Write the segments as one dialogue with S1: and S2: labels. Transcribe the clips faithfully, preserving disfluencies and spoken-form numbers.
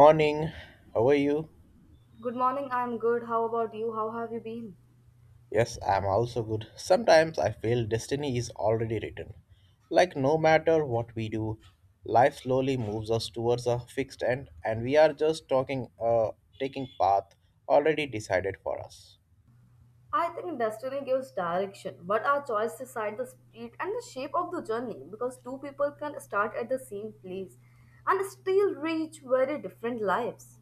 S1: Morning, how are you?
S2: Good morning, I'm good. How about you? How have you been?
S1: Yes, I'm also good. Sometimes I feel destiny is already written. Like, no matter what we do, life slowly moves us towards a fixed end, and we are just talking, uh, taking path already decided for us.
S2: I think destiny gives direction, but our choice decide the speed and the shape of the journey because two people can start at the same place and still reach very different lives.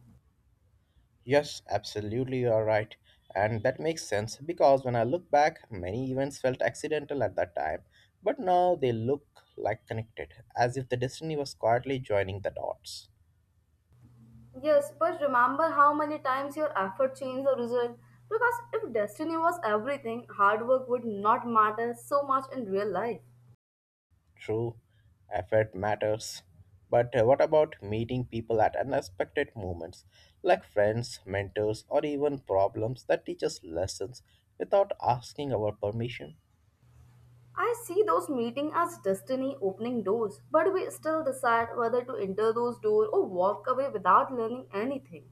S1: Yes, absolutely, you are right. And that makes sense because when I look back, many events felt accidental at that time, but now they look like connected, as if the destiny was quietly joining the dots.
S2: Yes, but remember how many times your effort changed the result because if destiny was everything, hard work would not matter so much in real life.
S1: True, effort matters. But uh, what about meeting people at unexpected moments, like friends, mentors, or even problems that teach us lessons without asking our permission?
S2: I see those meetings as destiny opening doors, but we still decide whether to enter those doors or walk away without learning anything.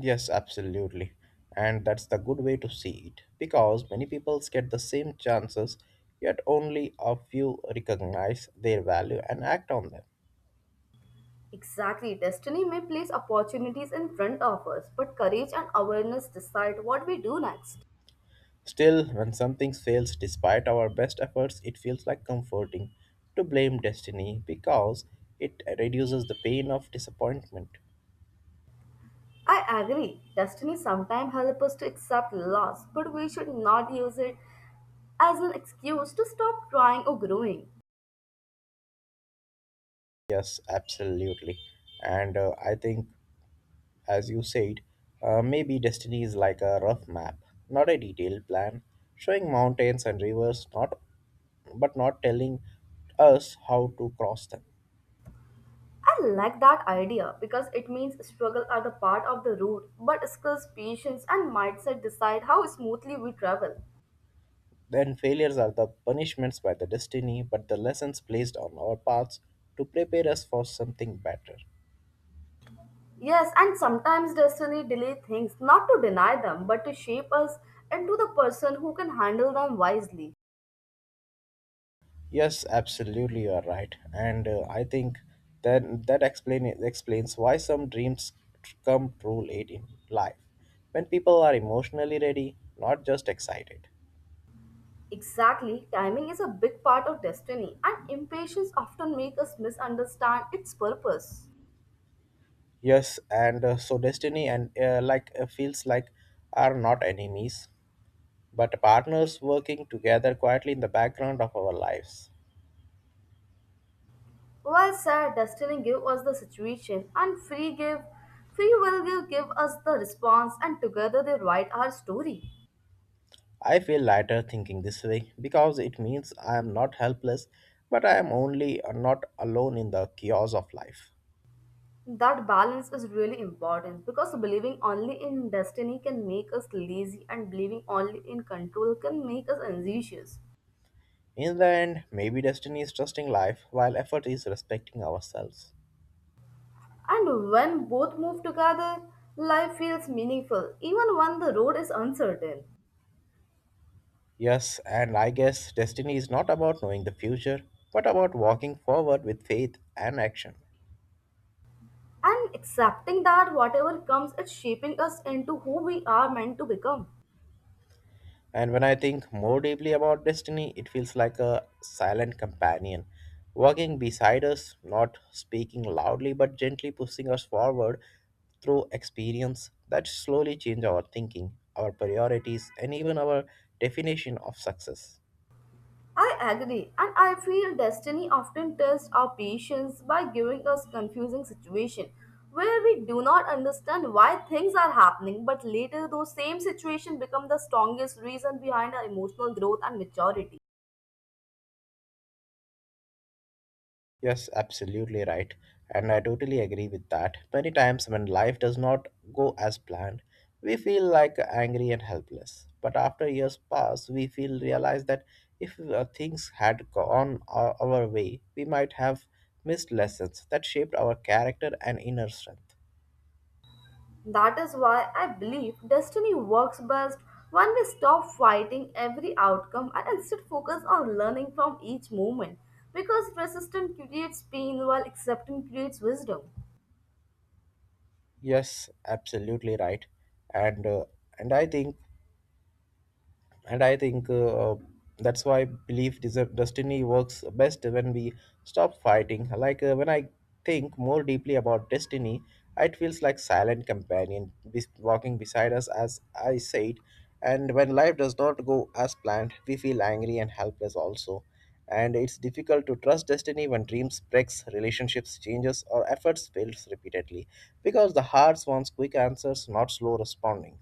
S1: Yes, absolutely. And that's the good way to see it, because many people get the same chances, yet only a few recognize their value and act on them.
S2: Exactly, destiny may place opportunities in front of us, but courage and awareness decide what we do next.
S1: Still, when something fails despite our best efforts, it feels like comforting to blame destiny because it reduces the pain of disappointment.
S2: I agree, destiny sometimes helps us to accept loss, but we should not use it as an excuse to stop trying or growing.
S1: Yes, absolutely. And uh, I think, as you said, uh, maybe destiny is like a rough map, not a detailed plan, showing mountains and rivers, not but not telling us how to cross them.
S2: I like that idea because it means struggle are the part of the road, but skills, patience, and mindset decide how smoothly we travel.
S1: Then failures are the punishments by the destiny, but the lessons placed on our paths to prepare us for something better.
S2: Yes, and sometimes destiny delays things not to deny them but to shape us into the person who can handle them wisely.
S1: Yes, absolutely, you are right, and uh, I think that that explain, explains why some dreams tr- come true late in life, when people are emotionally ready, not just excited.
S2: Exactly, timing is a big part of destiny, and impatience often makes us misunderstand its purpose.
S1: Yes, and uh, so destiny and uh, like uh, feels like are not enemies, but partners working together quietly in the background of our lives.
S2: Well said, destiny give us the situation and free give free will give give us the response and together they write our story.
S1: I feel lighter thinking this way because it means I am not helpless, but I am only uh, not alone in the chaos of life.
S2: That balance is really important because believing only in destiny can make us lazy and believing only in control can make us anxious.
S1: In the end, maybe destiny is trusting life while effort is respecting ourselves.
S2: And when both move together, life feels meaningful even when the road is uncertain.
S1: Yes, and I guess destiny is not about knowing the future, but about walking forward with faith and action.
S2: And accepting that whatever comes it's shaping us into who we are meant to become.
S1: And when I think more deeply about destiny, it feels like a silent companion, walking beside us, not speaking loudly but gently pushing us forward through experience that slowly change our thinking, our priorities, and even our definition of success.
S2: I agree, and I feel destiny often tests our patience by giving us confusing situation where we do not understand why things are happening, but later those same situation become the strongest reason behind our emotional growth and maturity.
S1: Yes, absolutely right. And I totally agree with that. Many times when life does not go as planned, we feel like angry and helpless. But after years pass, we feel realize that if uh, things had gone our, our way, we might have missed lessons that shaped our character and inner strength.
S2: That is why I believe destiny works best when we stop fighting every outcome and instead focus on learning from each moment because resistance creates pain while acceptance creates wisdom.
S1: Yes, absolutely right. And uh, and I think and I think uh, that's why I believe des- destiny works best when we stop fighting like uh, When I think more deeply about destiny, it feels like silent companion bes- walking beside us, as I said. And when life does not go as planned, we feel angry and helpless also, and it's difficult to trust destiny when dreams breaks, relationships changes, or efforts fails repeatedly, because the heart wants quick answers, not slow responding.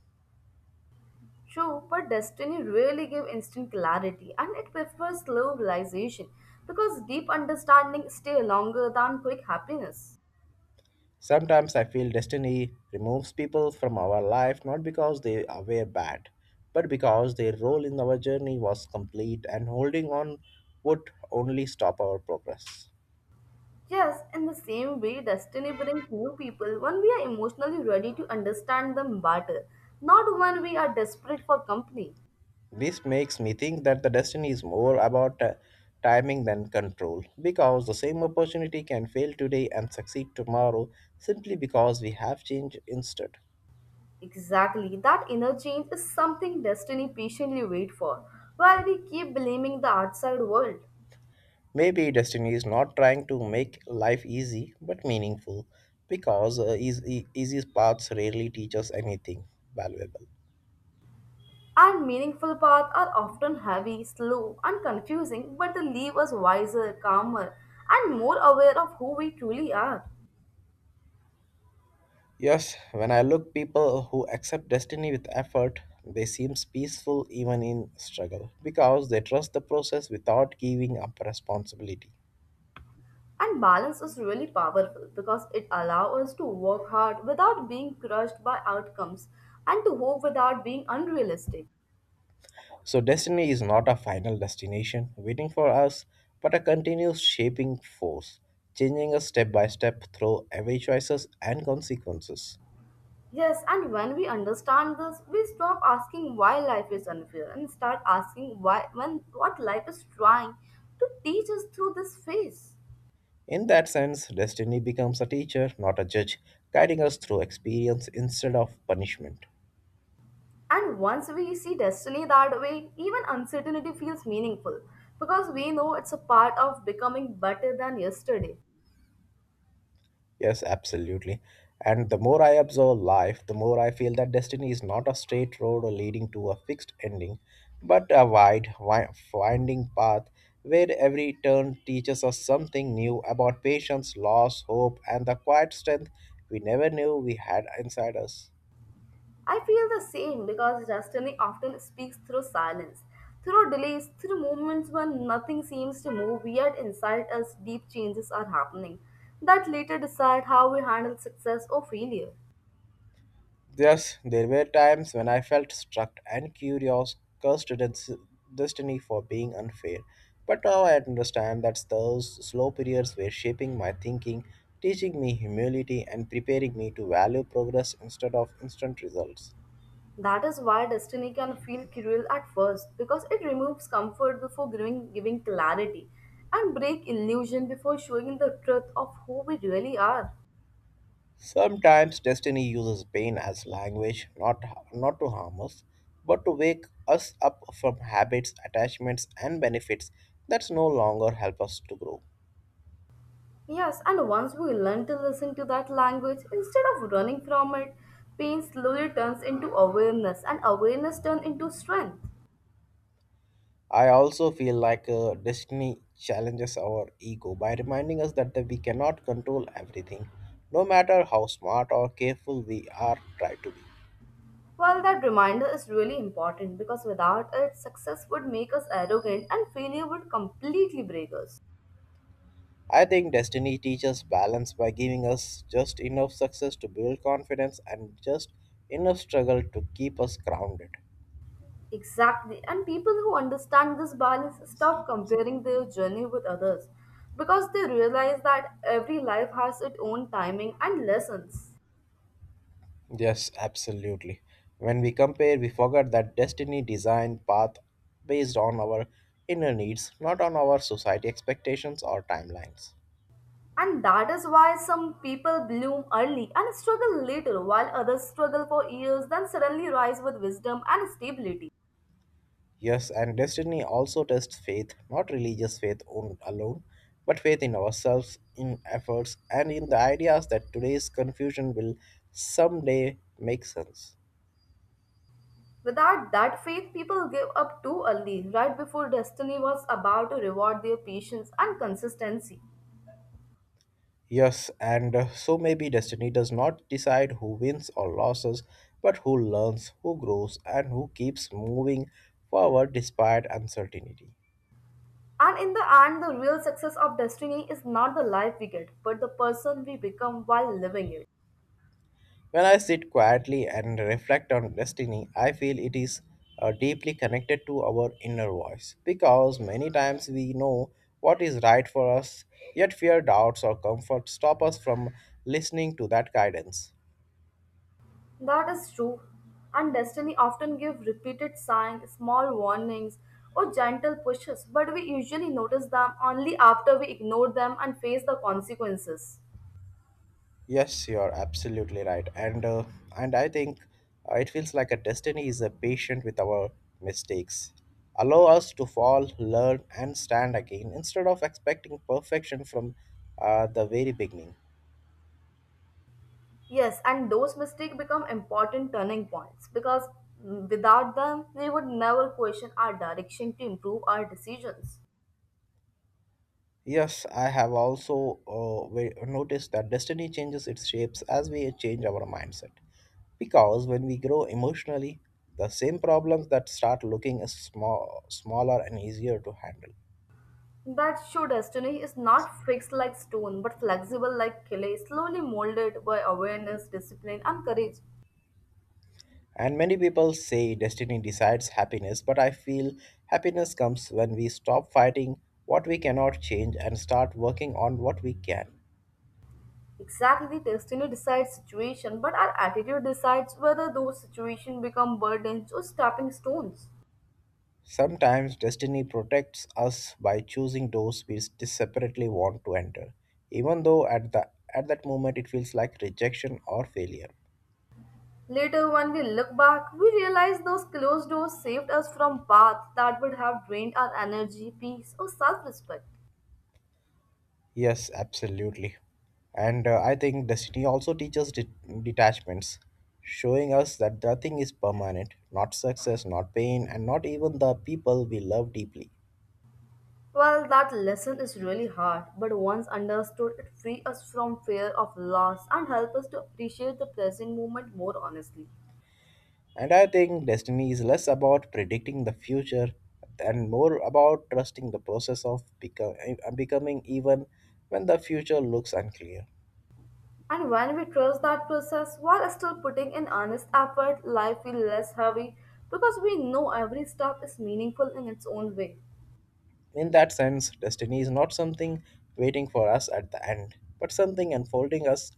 S2: True, but destiny really gives instant clarity and it prefers slow realization because deep understanding stays longer than quick happiness.
S1: Sometimes I feel destiny removes people from our life not because they are- were bad, but because their role in our journey was complete and holding on would only stop our progress.
S2: Yes, in the same way, destiny brings new people when we are emotionally ready to understand them better, not when we are desperate for company.
S1: This makes me think that the destiny is more about uh, timing than control, because the same opportunity can fail today and succeed tomorrow simply because we have changed instead.
S2: Exactly, that inner change is something destiny patiently waits for, while we keep blaming the outside world.
S1: Maybe destiny is not trying to make life easy but meaningful because uh, easy, easy paths rarely teach us anything valuable.
S2: And meaningful paths are often heavy, slow, and confusing, but they leave us wiser, calmer, and more aware of who we truly are.
S1: Yes, when I look people who accept destiny with effort, they seem peaceful even in struggle because they trust the process without giving up responsibility.
S2: And balance is really powerful because it allows us to work hard without being crushed by outcomes and to hope without being unrealistic.
S1: So destiny is not a final destination waiting for us, but a continuous shaping force, changing us step by step through every choices and consequences.
S2: Yes, and when we understand this, we stop asking why life is unfair and start asking why when what life is trying to teach us through this phase.
S1: In that sense, destiny becomes a teacher, not a judge, guiding us through experience instead of punishment.
S2: And once we see destiny that way, even uncertainty feels meaningful because we know it's a part of becoming better than yesterday.
S1: Yes, absolutely. And the more I observe life, the more I feel that destiny is not a straight road or leading to a fixed ending, but a wide, wi- winding path where every turn teaches us something new about patience, loss, hope, and the quiet strength we never knew we had inside us.
S2: I feel the same because destiny often speaks through silence, through delays, through moments when nothing seems to move, yet inside us deep changes are happening that later decide how we handle success or failure.
S1: Yes, there were times when I felt struck and curious, cursed at its destiny for being unfair. But now I understand that those slow periods were shaping my thinking, teaching me humility, and preparing me to value progress instead of instant results.
S2: That is why destiny can feel cruel at first, because it removes comfort before giving, giving clarity and break illusion before showing the truth of who we really are.
S1: Sometimes destiny uses pain as language, not, not to harm us, but to wake us up from habits, attachments, and benefits that no longer help us to grow.
S2: Yes, and once we learn to listen to that language instead of running from it, pain slowly turns into awareness and awareness turns into strength.
S1: I also feel like uh, Destiny challenges our ego by reminding us that, that we cannot control everything, no matter how smart or careful we are try to be.
S2: Well, that reminder is really important because without it, success would make us arrogant and failure would completely break us.
S1: I think Destiny teaches balance by giving us just enough success to build confidence and just enough struggle to keep us grounded.
S2: Exactly. And people who understand this balance stop comparing their journey with others because they realize that every life has its own timing and lessons.
S1: Yes, absolutely. When we compare, we forget that Destiny designed path based on our inner needs, not on our society expectations or timelines.
S2: And that is why some people bloom early and struggle later, while others struggle for years, then suddenly rise with wisdom and stability.
S1: Yes, and destiny also tests faith, not religious faith on- alone, but faith in ourselves, in efforts, and in the ideas that today's confusion will someday make sense.
S2: Without that faith, people give up too early, right before destiny was about to reward their patience and consistency.
S1: Yes, and uh, so maybe destiny does not decide who wins or loses, but who learns, who grows, and who keeps moving forward despite uncertainty.
S2: And in the end, the real success of destiny is not the life we get, but the person we become while living it.
S1: When I sit quietly and reflect on destiny, I feel it is uh, deeply connected to our inner voice because many times we know what is right for us, yet fear, doubts, or comfort stop us from listening to that guidance.
S2: That is true. And destiny often give repeated signs, small warnings, or gentle pushes, but we usually notice them only after we ignore them and face the consequences.
S1: Yes, you're absolutely right, and uh, and I think uh, it feels like a destiny is a patient with our mistakes, allow us to fall, learn, and stand again instead of expecting perfection from uh, the very beginning.
S2: Yes, and those mistakes become important turning points because mm, without them, we would never question our direction to improve our decisions.
S1: Yes, I have also uh, ve- noticed that destiny changes its shapes as we change our mindset. Because when we grow emotionally, the same problems that start looking as small, smaller and easier to handle.
S2: That show destiny is not fixed like stone, but flexible like clay, slowly molded by awareness, discipline, and courage.
S1: And many people say destiny decides happiness, but I feel happiness comes when we stop fighting what we cannot change and start working on what we can.
S2: Exactly, destiny decides situation, but our attitude decides whether those situations become burdens or stepping stones.
S1: Sometimes destiny protects us by choosing doors we separately want to enter, even though at the at that moment it feels like rejection or failure.
S2: Later, when we look back, we realize those closed doors saved us from paths that would have drained our energy, peace, or self respect.
S1: Yes, absolutely. And uh, I think destiny also teaches det- detachments, showing us that nothing is permanent, not success, not pain, and not even the people we love deeply.
S2: Well, that lesson is really hard, but once understood, it frees us from fear of loss and helps us to appreciate the present moment more honestly.
S1: And I think destiny is less about predicting the future and more about trusting the process of become, becoming even when the future looks unclear.
S2: And when we trust that process while still putting in honest effort, life feels less heavy because we know every step is meaningful in its own way.
S1: In that sense, destiny is not something waiting for us at the end, but something unfolding us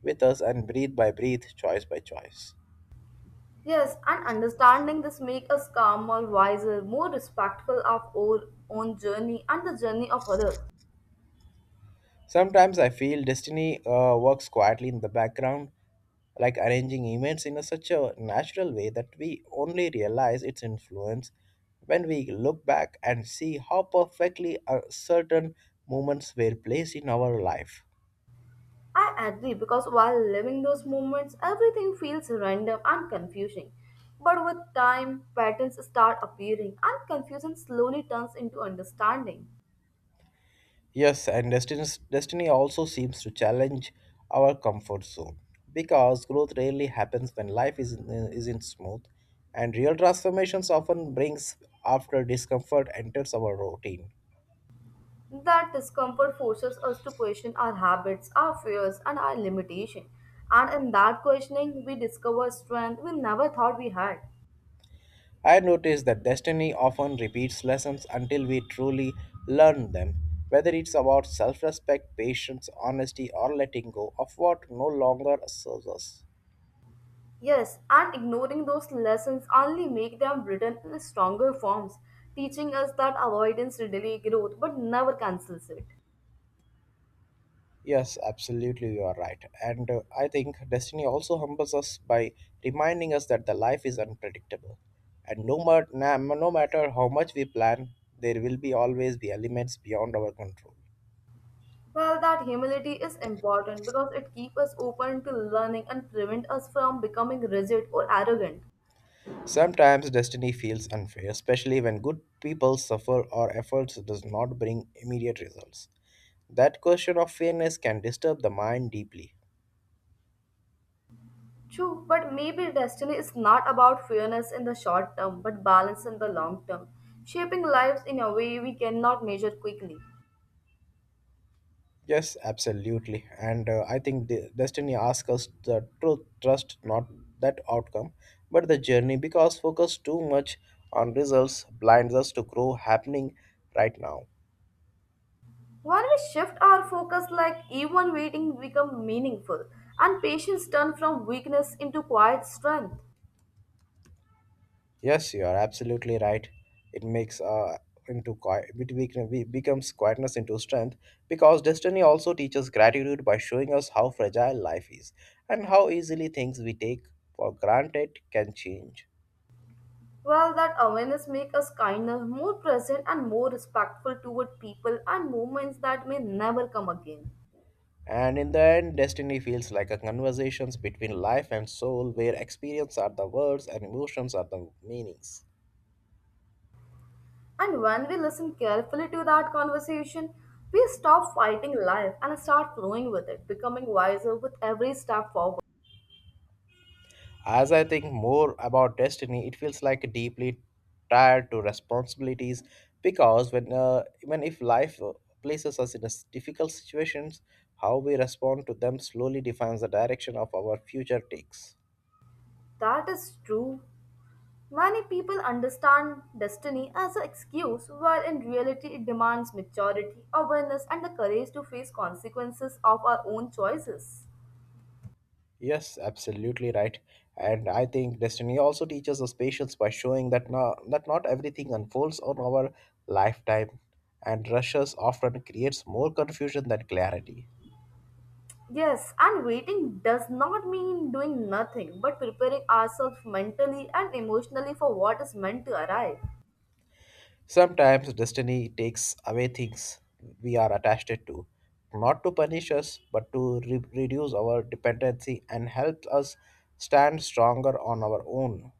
S1: with us and breath by breath, choice by choice.
S2: Yes, and understanding this makes us calmer, wiser, more respectful of our own journey and the journey of others.
S1: Sometimes I feel destiny uh, works quietly in the background, like arranging events in a, such a natural way that we only realize its influence when we look back and see how perfectly uh, certain moments were placed in our life.
S2: I agree because while living those moments, everything feels random and confusing. But with time, patterns start appearing, and confusion slowly turns into understanding.
S1: Yes, and destiny, destiny also seems to challenge our comfort zone because growth rarely happens when life isn't, isn't smooth, and real transformations often brings after discomfort enters our routine.
S2: That discomfort forces us to question our habits, our fears, and our limitation. And in that questioning, we discover strength we never thought we had.
S1: I notice that destiny often repeats lessons until we truly learn them, whether it's about self respect, patience, honesty, or letting go of what no longer serves us.
S2: Yes, and ignoring those lessons only make them written in stronger forms, teaching us that avoidance delay growth but never cancels it.
S1: Yes, absolutely, you are right. And uh, I think destiny also humbles us by reminding us that the life is unpredictable. And no, mat- na- no matter how much we plan, there will be always be elements beyond our control.
S2: Well, that humility is important because it keeps us open to learning and prevent us from becoming rigid or arrogant.
S1: Sometimes destiny feels unfair, especially when good people suffer or efforts does not bring immediate results. That question of fairness can disturb the mind deeply.
S2: True, but maybe destiny is not about fairness in the short term, but balance in the long term, shaping lives in a way we cannot measure quickly.
S1: Yes, absolutely. And uh, I think the destiny asks us the truth, trust not that outcome, but the journey because focus too much on results blinds us to grow happening right now.
S2: When we shift our focus, like even waiting become meaningful, and patience turn from weakness into quiet strength.
S1: Yes, you are absolutely right. It makes uh into qui- it bec- be- becomes quietness into strength because destiny also teaches gratitude by showing us how fragile life is and how easily things we take for granted can change.
S2: Well, that awareness makes us kinder, more present, and more respectful toward people and movements that may never come again.
S1: And in the end, destiny feels like a conversations between life and soul where experience are the words and emotions are the meanings.
S2: And when we listen carefully to that conversation, we stop fighting life and start flowing with it, becoming wiser with every step forward.
S1: As I think more about destiny, it feels like deeply tied to responsibilities because when uh, even if life uh, places us in a s- difficult situations, how we respond to them slowly defines the direction of our future takes.
S2: That is true. Many people understand destiny as an excuse, while in reality, it demands maturity, awareness, and the courage to face consequences of our own choices.
S1: Yes, absolutely right. And I think destiny also teaches us patience by showing that no, that not everything unfolds on our lifetime, and rushes often creates more confusion than clarity.
S2: Yes, and waiting does not mean doing nothing, but preparing ourselves mentally and emotionally for what is meant to arrive.
S1: Sometimes destiny takes away things we are attached to, not to punish us, but to re- reduce our dependency and help us stand stronger on our own.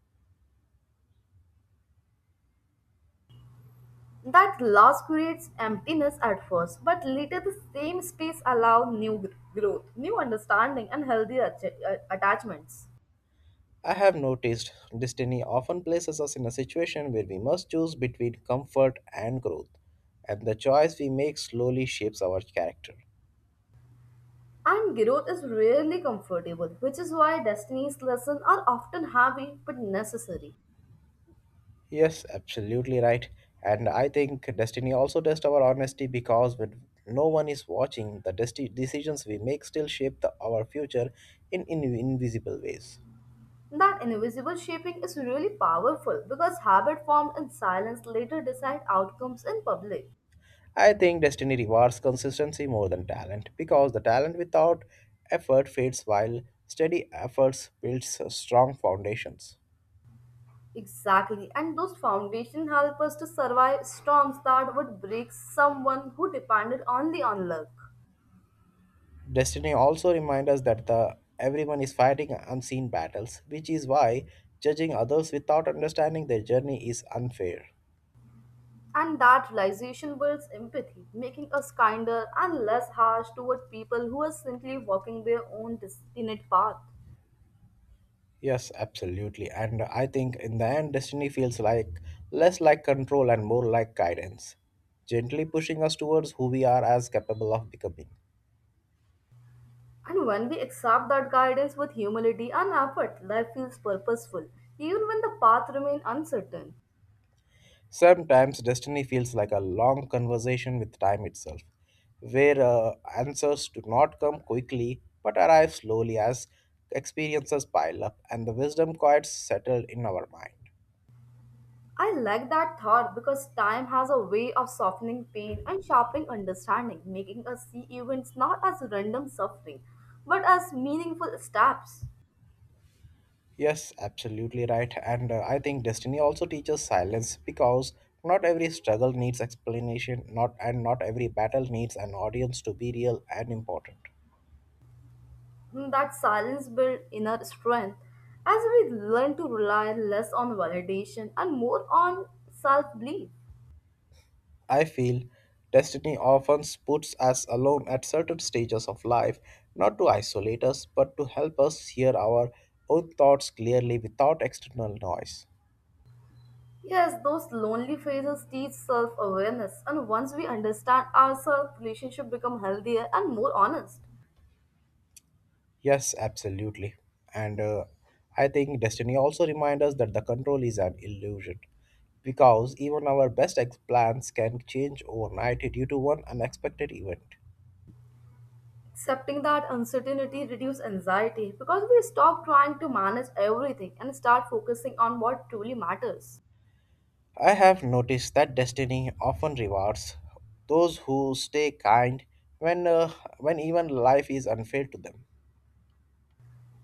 S2: That loss creates emptiness at first, but later the same space allows new gr- growth, new understanding, and healthy atta- uh, attachments.
S1: I have noticed destiny often places us in a situation where we must choose between comfort and growth, and the choice we make slowly shapes our character.
S2: And growth is rarely comfortable, which is why destiny's lessons are often heavy but necessary.
S1: Yes, absolutely right. And I think destiny also tests our honesty because when no one is watching, the desti- decisions we make still shape the, our future in, in invisible ways.
S2: That invisible shaping is really powerful because habit formed in silence later decide outcomes in public.
S1: I think destiny rewards consistency more than talent because the talent without effort fades while steady efforts builds strong foundations.
S2: Exactly. And those foundation help us to survive storms that would break someone who depended only on luck.
S1: Destiny also reminds us that the everyone is fighting unseen battles, which is why judging others without understanding their journey is unfair.
S2: And that realization builds empathy, making us kinder and less harsh toward people who are simply walking their own destined path.
S1: Yes, absolutely. And I think in the end, destiny feels like less like control and more like guidance, gently pushing us towards who we are as capable of becoming.
S2: And when we accept that guidance with humility and effort, life feels purposeful, even when the path remains uncertain.
S1: Sometimes destiny feels like a long conversation with time itself, where uh, answers do not come quickly but arrive slowly as experiences pile up and the wisdom quiets settle in our mind.
S2: I like that thought because time has a way of softening pain and sharpening understanding, making us see events not as random suffering, but as meaningful steps.
S1: Yes, absolutely right. And uh, I think destiny also teaches silence because not every struggle needs explanation, not and not every battle needs an audience to be real and important.
S2: Hmm, That silence builds inner strength as we learn to rely less on validation and more on self belief.
S1: I feel destiny often puts us alone at certain stages of life, not to isolate us, but to help us hear our own thoughts clearly without external noise.
S2: Yes, those lonely phases teach self awareness, and once we understand ourselves, relationships become healthier and more honest.
S1: Yes, absolutely. And uh, I think destiny also reminds us that the control is an illusion because even our best ex- plans can change overnight due to one unexpected event.
S2: Accepting that uncertainty reduces anxiety because we stop trying to manage everything and start focusing on what truly matters.
S1: I have noticed that destiny often rewards those who stay kind when, uh, when even life is unfair to them.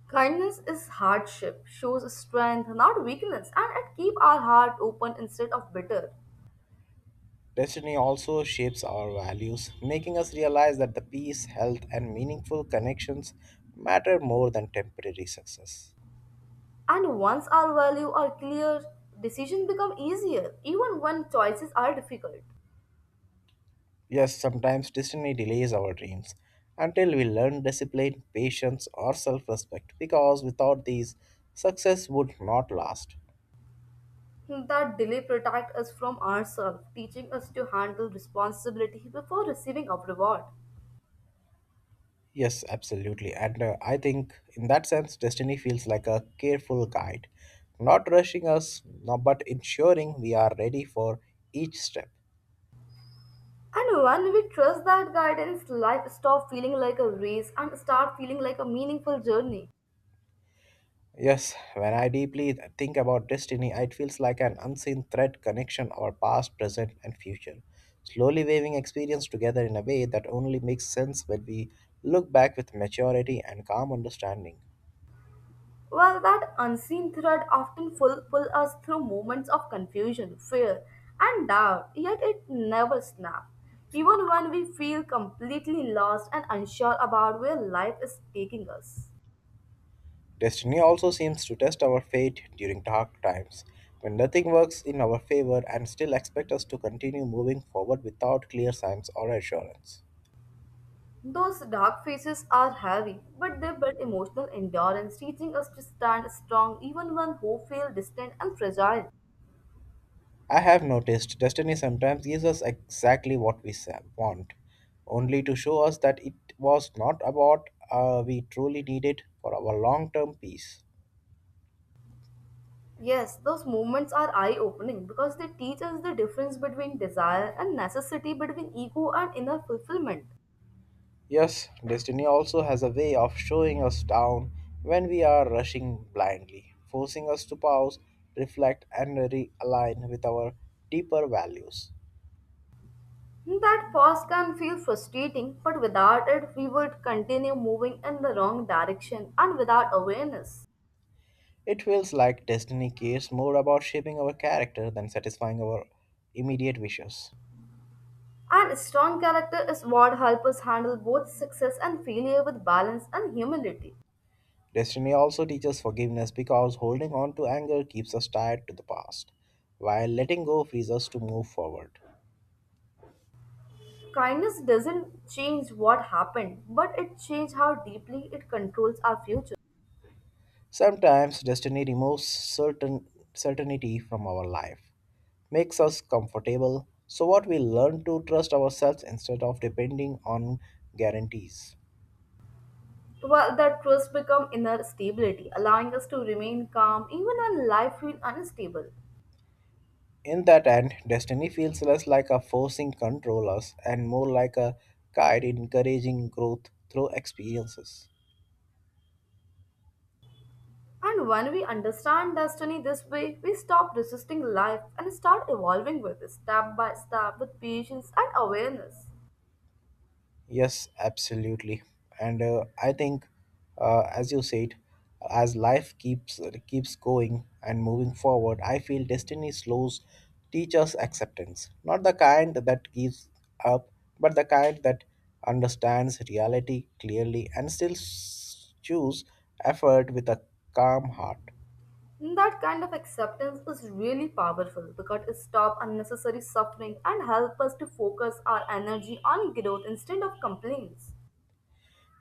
S2: Kindness is hardship, shows strength, not weakness, and it keeps our heart open instead of bitter.
S1: Destiny also shapes our values, making us realize that the peace, health, and meaningful connections matter more than temporary success.
S2: And once our values are clear, decisions become easier, even when choices are difficult.
S1: Yes, sometimes destiny delays our dreams until we learn discipline, patience, or self respect because without these, success would not last.
S2: That delay protects us from ourselves, teaching us to handle responsibility before receiving a reward.
S1: Yes, absolutely. And uh, I think in that sense, destiny feels like a careful guide, not rushing us, no, but ensuring we are ready for each step.
S2: And when we trust that guidance, life stops feeling like a race and start feeling like a meaningful journey.
S1: Yes, when I deeply think about destiny, it feels like an unseen thread connection our past, present, and future, slowly weaving experience together in a way that only makes sense when we look back with maturity and calm understanding.
S2: Well, that unseen thread often pull, pull us through moments of confusion, fear, and doubt, yet it never snaps. Even when we feel completely lost and unsure about where life is taking us.
S1: Destiny also seems to test our fate during dark times, when nothing works in our favor and still expect us to continue moving forward without clear signs or assurance.
S2: Those dark faces are heavy, but they build emotional endurance, teaching us to stand strong even when hope feels distant and fragile.
S1: I have noticed destiny sometimes gives us exactly what we sa- want, only to show us that it was not about uh, we truly needed for our long term peace.
S2: Yes, those movements are eye opening because they teach us the difference between desire and necessity, between ego and inner fulfillment.
S1: Yes, destiny also has a way of showing us down when we are rushing blindly, forcing us to pause, reflect, and realign with our deeper values.
S2: That pause can feel frustrating, but without it, we would continue moving in the wrong direction and without awareness.
S1: It feels like destiny cares more about shaping our character than satisfying our immediate wishes.
S2: And strong character is what helps us handle both success and failure with balance and humility.
S1: Destiny also teaches forgiveness because holding on to anger keeps us tied to the past, while letting go frees us to move forward.
S2: Kindness doesn't change what happened, but it changes how deeply it controls our future.
S1: Sometimes destiny removes certain certainty from our life, makes us comfortable, so what we learn to trust ourselves instead of depending on guarantees.
S2: Well, that trust becomes inner stability, allowing us to remain calm even when life feels unstable.
S1: In that end, destiny feels less like a forcing control us and more like a guide encouraging growth through experiences.
S2: And when we understand destiny this way, we stop resisting life and start evolving with it step by step with patience and awareness.
S1: Yes, absolutely. And uh, I think, uh, as you said, as life keeps keeps going and moving forward, I feel destiny slows teach us acceptance. Not the kind that gives up, but the kind that understands reality clearly and still s- choose effort with a calm heart.
S2: That kind of acceptance is really powerful because it stops unnecessary suffering and helps us to focus our energy on growth instead of complaints.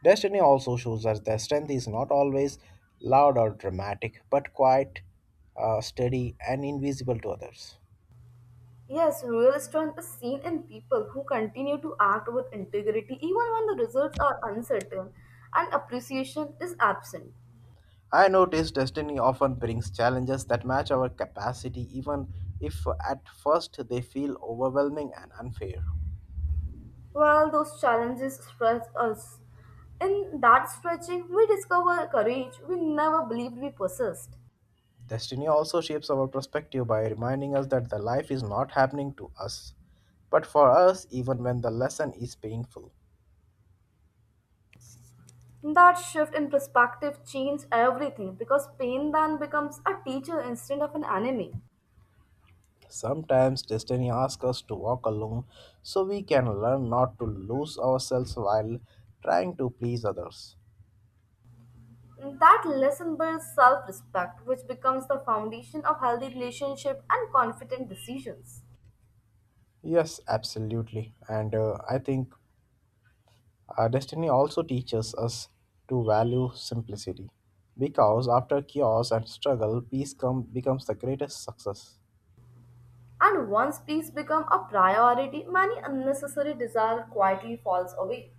S1: Destiny also shows us that strength is not always loud or dramatic, but quite uh, steady and invisible to others.
S2: Yes, real strength is seen in people who continue to act with integrity even when the results are uncertain and appreciation is absent.
S1: I notice destiny often brings challenges that match our capacity, even if at first they feel overwhelming and unfair.
S2: While those challenges stretch us, in that stretching, we discover courage we never believed we possessed.
S1: Destiny also shapes our perspective by reminding us that the life is not happening to us, but for us, even when the lesson is painful.
S2: That shift in perspective changed everything because pain then becomes a teacher instead of an enemy.
S1: Sometimes destiny asks us to walk alone so we can learn not to lose ourselves while trying to please others.
S2: That lesson builds self respect, which becomes the foundation of healthy relationship and confident decisions.
S1: Yes, absolutely. And uh, I think Uh, destiny also teaches us to value simplicity because after chaos and struggle, peace come, becomes the greatest success.
S2: And once peace becomes a priority, many unnecessary desire quietly falls away.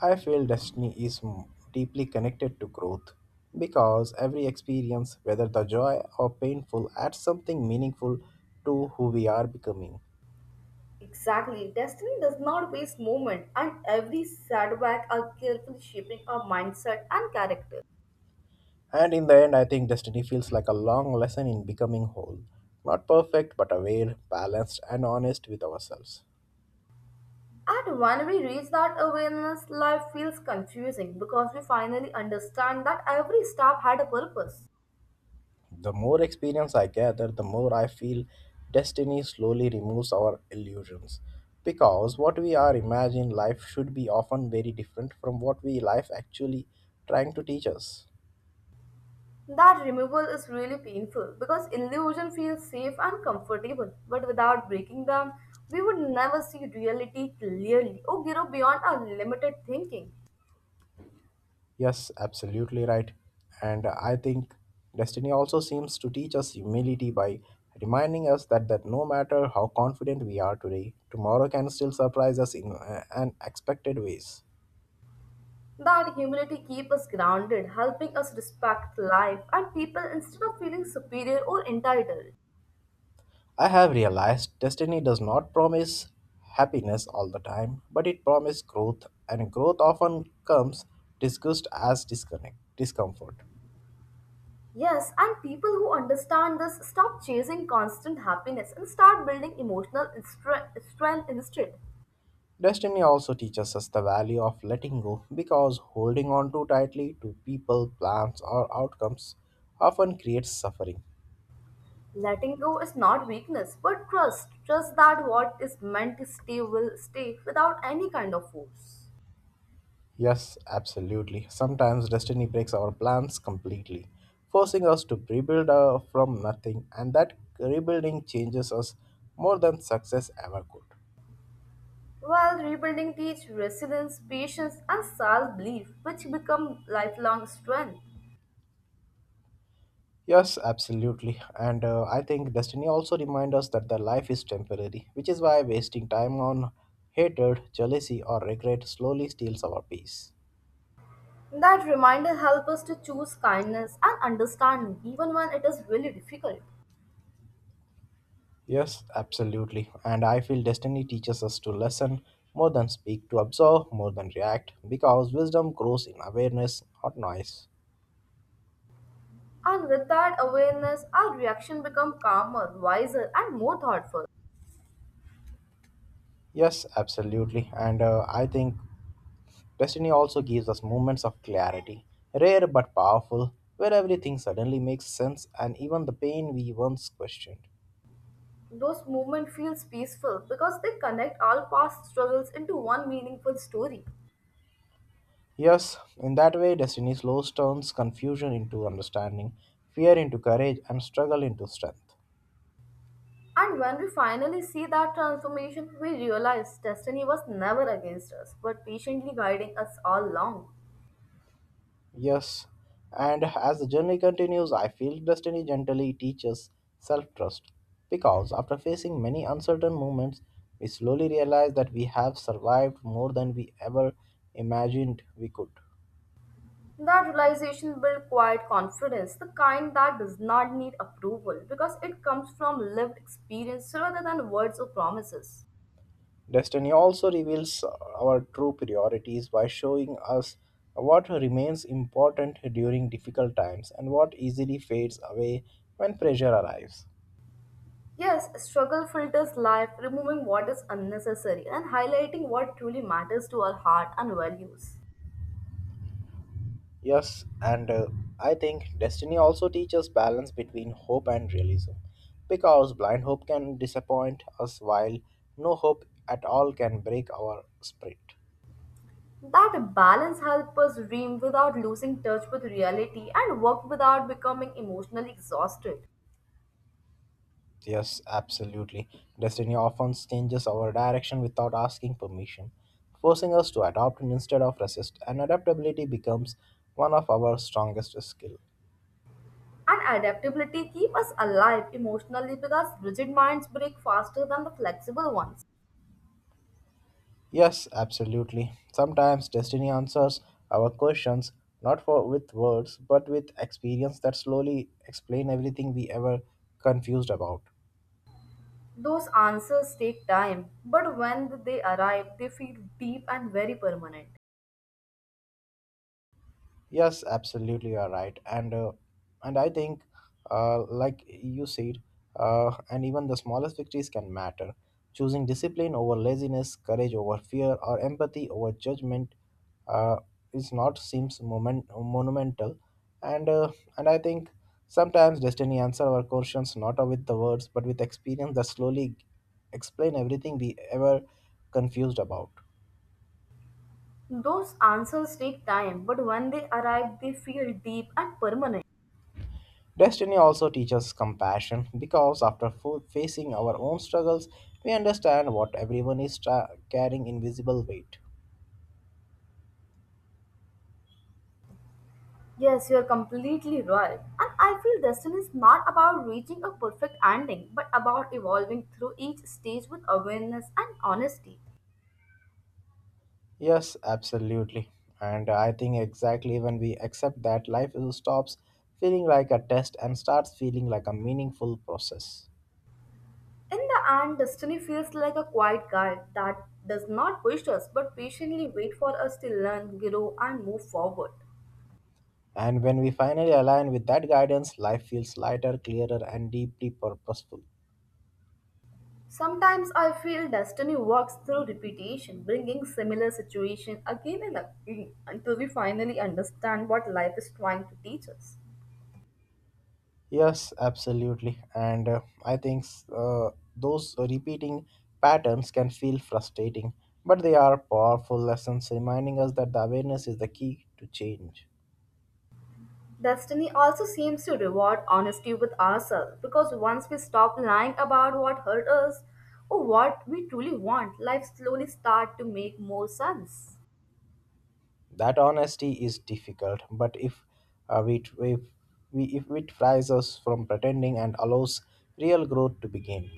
S1: I feel destiny is m- deeply connected to growth because every experience, whether the joy or painful, adds something meaningful to who we are becoming.
S2: Exactly, destiny does not waste moment, and every setback are carefully shaping our mindset and character.
S1: And in the end, I think destiny feels like a long lesson in becoming whole. Not perfect, but aware, balanced, and honest with ourselves.
S2: And when we reach that awareness, life feels confusing because we finally understand that every step had a purpose.
S1: The more experience I gather, the more I feel destiny slowly removes our illusions. Because what we are imagining life should be often very different from what we life actually trying to teach us.
S2: That removal is really painful because illusion feels safe and comfortable, but without breaking them, we would never see reality clearly or grow beyond our limited thinking.
S1: Yes, absolutely right. And I think destiny also seems to teach us humility by reminding us that, that no matter how confident we are today, tomorrow can still surprise us in uh, unexpected ways.
S2: That humility keeps us grounded, helping us respect life and people instead of feeling superior or entitled.
S1: I have realized destiny does not promise happiness all the time, but it promises growth, and growth often comes disguised as disconnect, discomfort.
S2: Yes, and people who understand this stop chasing constant happiness and start building emotional stre- strength instead.
S1: Destiny also teaches us the value of letting go because holding on too tightly to people, plans, or outcomes often creates suffering.
S2: Letting go is not weakness, but trust. Trust that what is meant to stay will stay without any kind of force.
S1: Yes, absolutely. Sometimes destiny breaks our plans completely, forcing us to rebuild uh, from nothing, and that rebuilding changes us more than success ever could.
S2: While rebuilding teach resilience, patience, and self-belief, which become lifelong strength.
S1: Yes, absolutely. And uh, I think destiny also reminds us that the life is temporary, which is why wasting time on hatred, jealousy, or regret slowly steals our peace.
S2: That reminder helps us to choose kindness and understanding even when it is really difficult.
S1: Yes, absolutely. And I feel destiny teaches us to listen more than speak, to observe more than react, because wisdom grows in awareness, not noise.
S2: And with that awareness, our reaction become calmer, wiser, and more thoughtful.
S1: Yes, absolutely. And uh, I think destiny also gives us moments of clarity, rare but powerful, where everything suddenly makes sense and even the pain we once questioned.
S2: Those moments feels peaceful because they connect all past struggles into one meaningful story.
S1: Yes, in that way, destiny slows turns confusion into understanding, fear into courage, and struggle into strength.
S2: And when we finally see that transformation, we realize destiny was never against us, but patiently guiding us all along.
S1: Yes, and as the journey continues, I feel destiny gently teaches self trust because after facing many uncertain moments, we slowly realize that we have survived more than we ever imagined we could.
S2: That realization built quiet confidence, the kind that does not need approval, because it comes from lived experience rather than words or promises.
S1: Destiny also reveals our true priorities by showing us what remains important during difficult times and what easily fades away when pressure arrives.
S2: Yes, struggle filters life, removing what is unnecessary and highlighting what truly matters to our heart and values.
S1: Yes, and uh, I think destiny also teaches balance between hope and realism because blind hope can disappoint us while no hope at all can break our spirit.
S2: That balance helps us dream without losing touch with reality and work without becoming emotionally exhausted.
S1: Yes, absolutely. Destiny often changes our direction without asking permission, forcing us to adopt instead of resist, and adaptability becomes one of our strongest skills.
S2: And adaptability keep us alive emotionally because rigid minds break faster than the flexible ones.
S1: Yes, absolutely. Sometimes destiny answers our questions not for with words but with experience that slowly explain everything we ever confused about.
S2: Those answers take time, but when they arrive, they feel deep and very permanent.
S1: Yes, absolutely, you are right, and uh, and I think, uh, like you said, uh, and even the smallest victories can matter. Choosing discipline over laziness, courage over fear, or empathy over judgment, uh, is not seems moment, monumental, and uh, and I think sometimes destiny answer our questions not with the words but with experience that slowly explain everything we ever confused about.
S2: Those answers take time, but when they arrive, they feel deep and permanent.
S1: Destiny also teaches compassion because after fo- facing our own struggles, we understand what everyone is tra- carrying invisible weight.
S2: Yes, you are completely right. And I feel destiny is not about reaching a perfect ending, but about evolving through each stage with awareness and honesty.
S1: Yes, absolutely. And I think exactly when we accept that life stops feeling like a test and starts feeling like a meaningful process.
S2: In the end, destiny feels like a quiet guide that does not push us but patiently wait for us to learn, grow, and move forward.
S1: And when we finally align with that guidance, life feels lighter, clearer, and deeply purposeful.
S2: Sometimes I feel destiny works through repetition, bringing similar situation again and again until we finally understand what life is trying to teach us.
S1: Yes, absolutely. And uh, I think uh, those repeating patterns can feel frustrating, but they are powerful lessons reminding us that the awareness is the key to change.
S2: Destiny also seems to reward honesty with ourselves because once we stop lying about what hurt us or what we truly want, life slowly starts to make more sense.
S1: That honesty is difficult, but if uh, we, if we if it fries us from pretending and allows real growth to begin.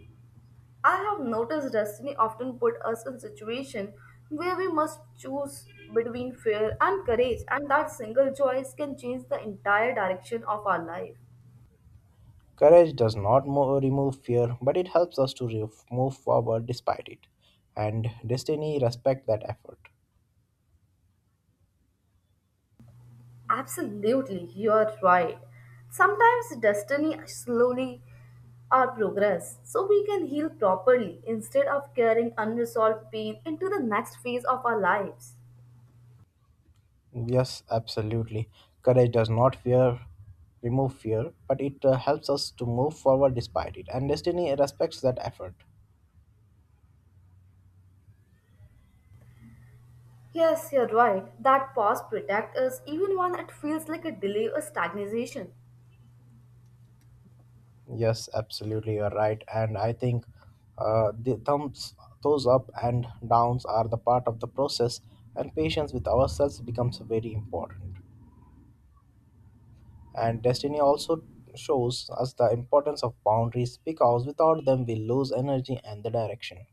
S2: I have noticed destiny often put us in situation where we must choose between fear and courage and that single choice can change the entire direction of our life.
S1: Courage does not mo- remove fear, but it helps us to re- move forward despite it, and destiny respect that effort.
S2: Absolutely, you are right. Sometimes destiny slowly our progress so we can heal properly instead of carrying unresolved pain into the next phase of our lives.
S1: Yes, absolutely. Courage does not fear remove fear, but it uh, helps us to move forward despite it. And destiny respects that effort.
S2: Yes, you're right. That pause protects us even when it feels like a delay or stagnation.
S1: Yes, absolutely, you're right. And I think uh, the thumbs, those up and downs are the part of the process, and patience with ourselves becomes very important. And destiny also shows us the importance of boundaries because without them we lose energy and the direction.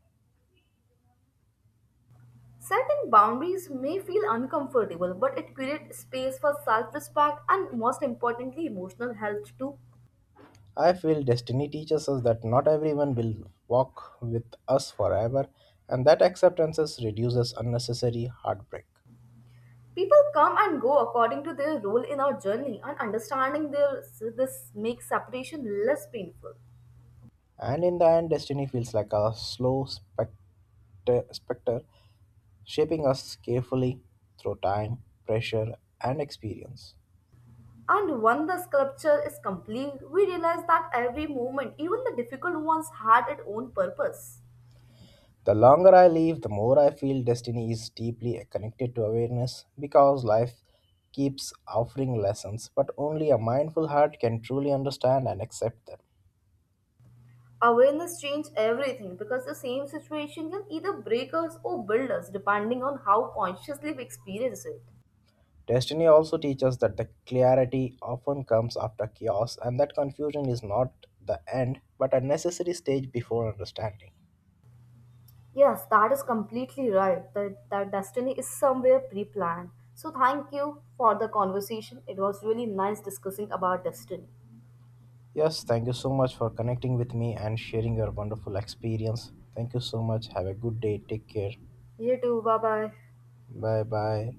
S2: Setting boundaries may feel uncomfortable, but it creates space for self-respect and most importantly emotional health too.
S1: I feel destiny teaches us that not everyone will walk with us forever, and that acceptance reduces unnecessary heartbreak.
S2: People come and go according to their role in our journey, and understanding their, this makes separation less painful.
S1: And in the end, destiny feels like a slow spectre, specter shaping us carefully through time, pressure, and experience.
S2: And when the sculpture is complete, we realize that every moment, even the difficult ones, had its own purpose.
S1: The longer I live, the more I feel destiny is deeply connected to awareness because life keeps offering lessons, but only a mindful heart can truly understand and accept them.
S2: Awareness changes everything because the same situation can either break us or build us depending on how consciously we experience it.
S1: Destiny also teaches that the clarity often comes after chaos and that confusion is not the end but a necessary stage before understanding.
S2: Yes, that is completely right. That, that destiny is somewhere pre-planned. So thank you for the conversation. It was really nice discussing about destiny.
S1: Yes, thank you so much for connecting with me and sharing your wonderful experience. Thank you so much. Have a good day. Take care.
S2: You too. Bye bye.
S1: Bye bye.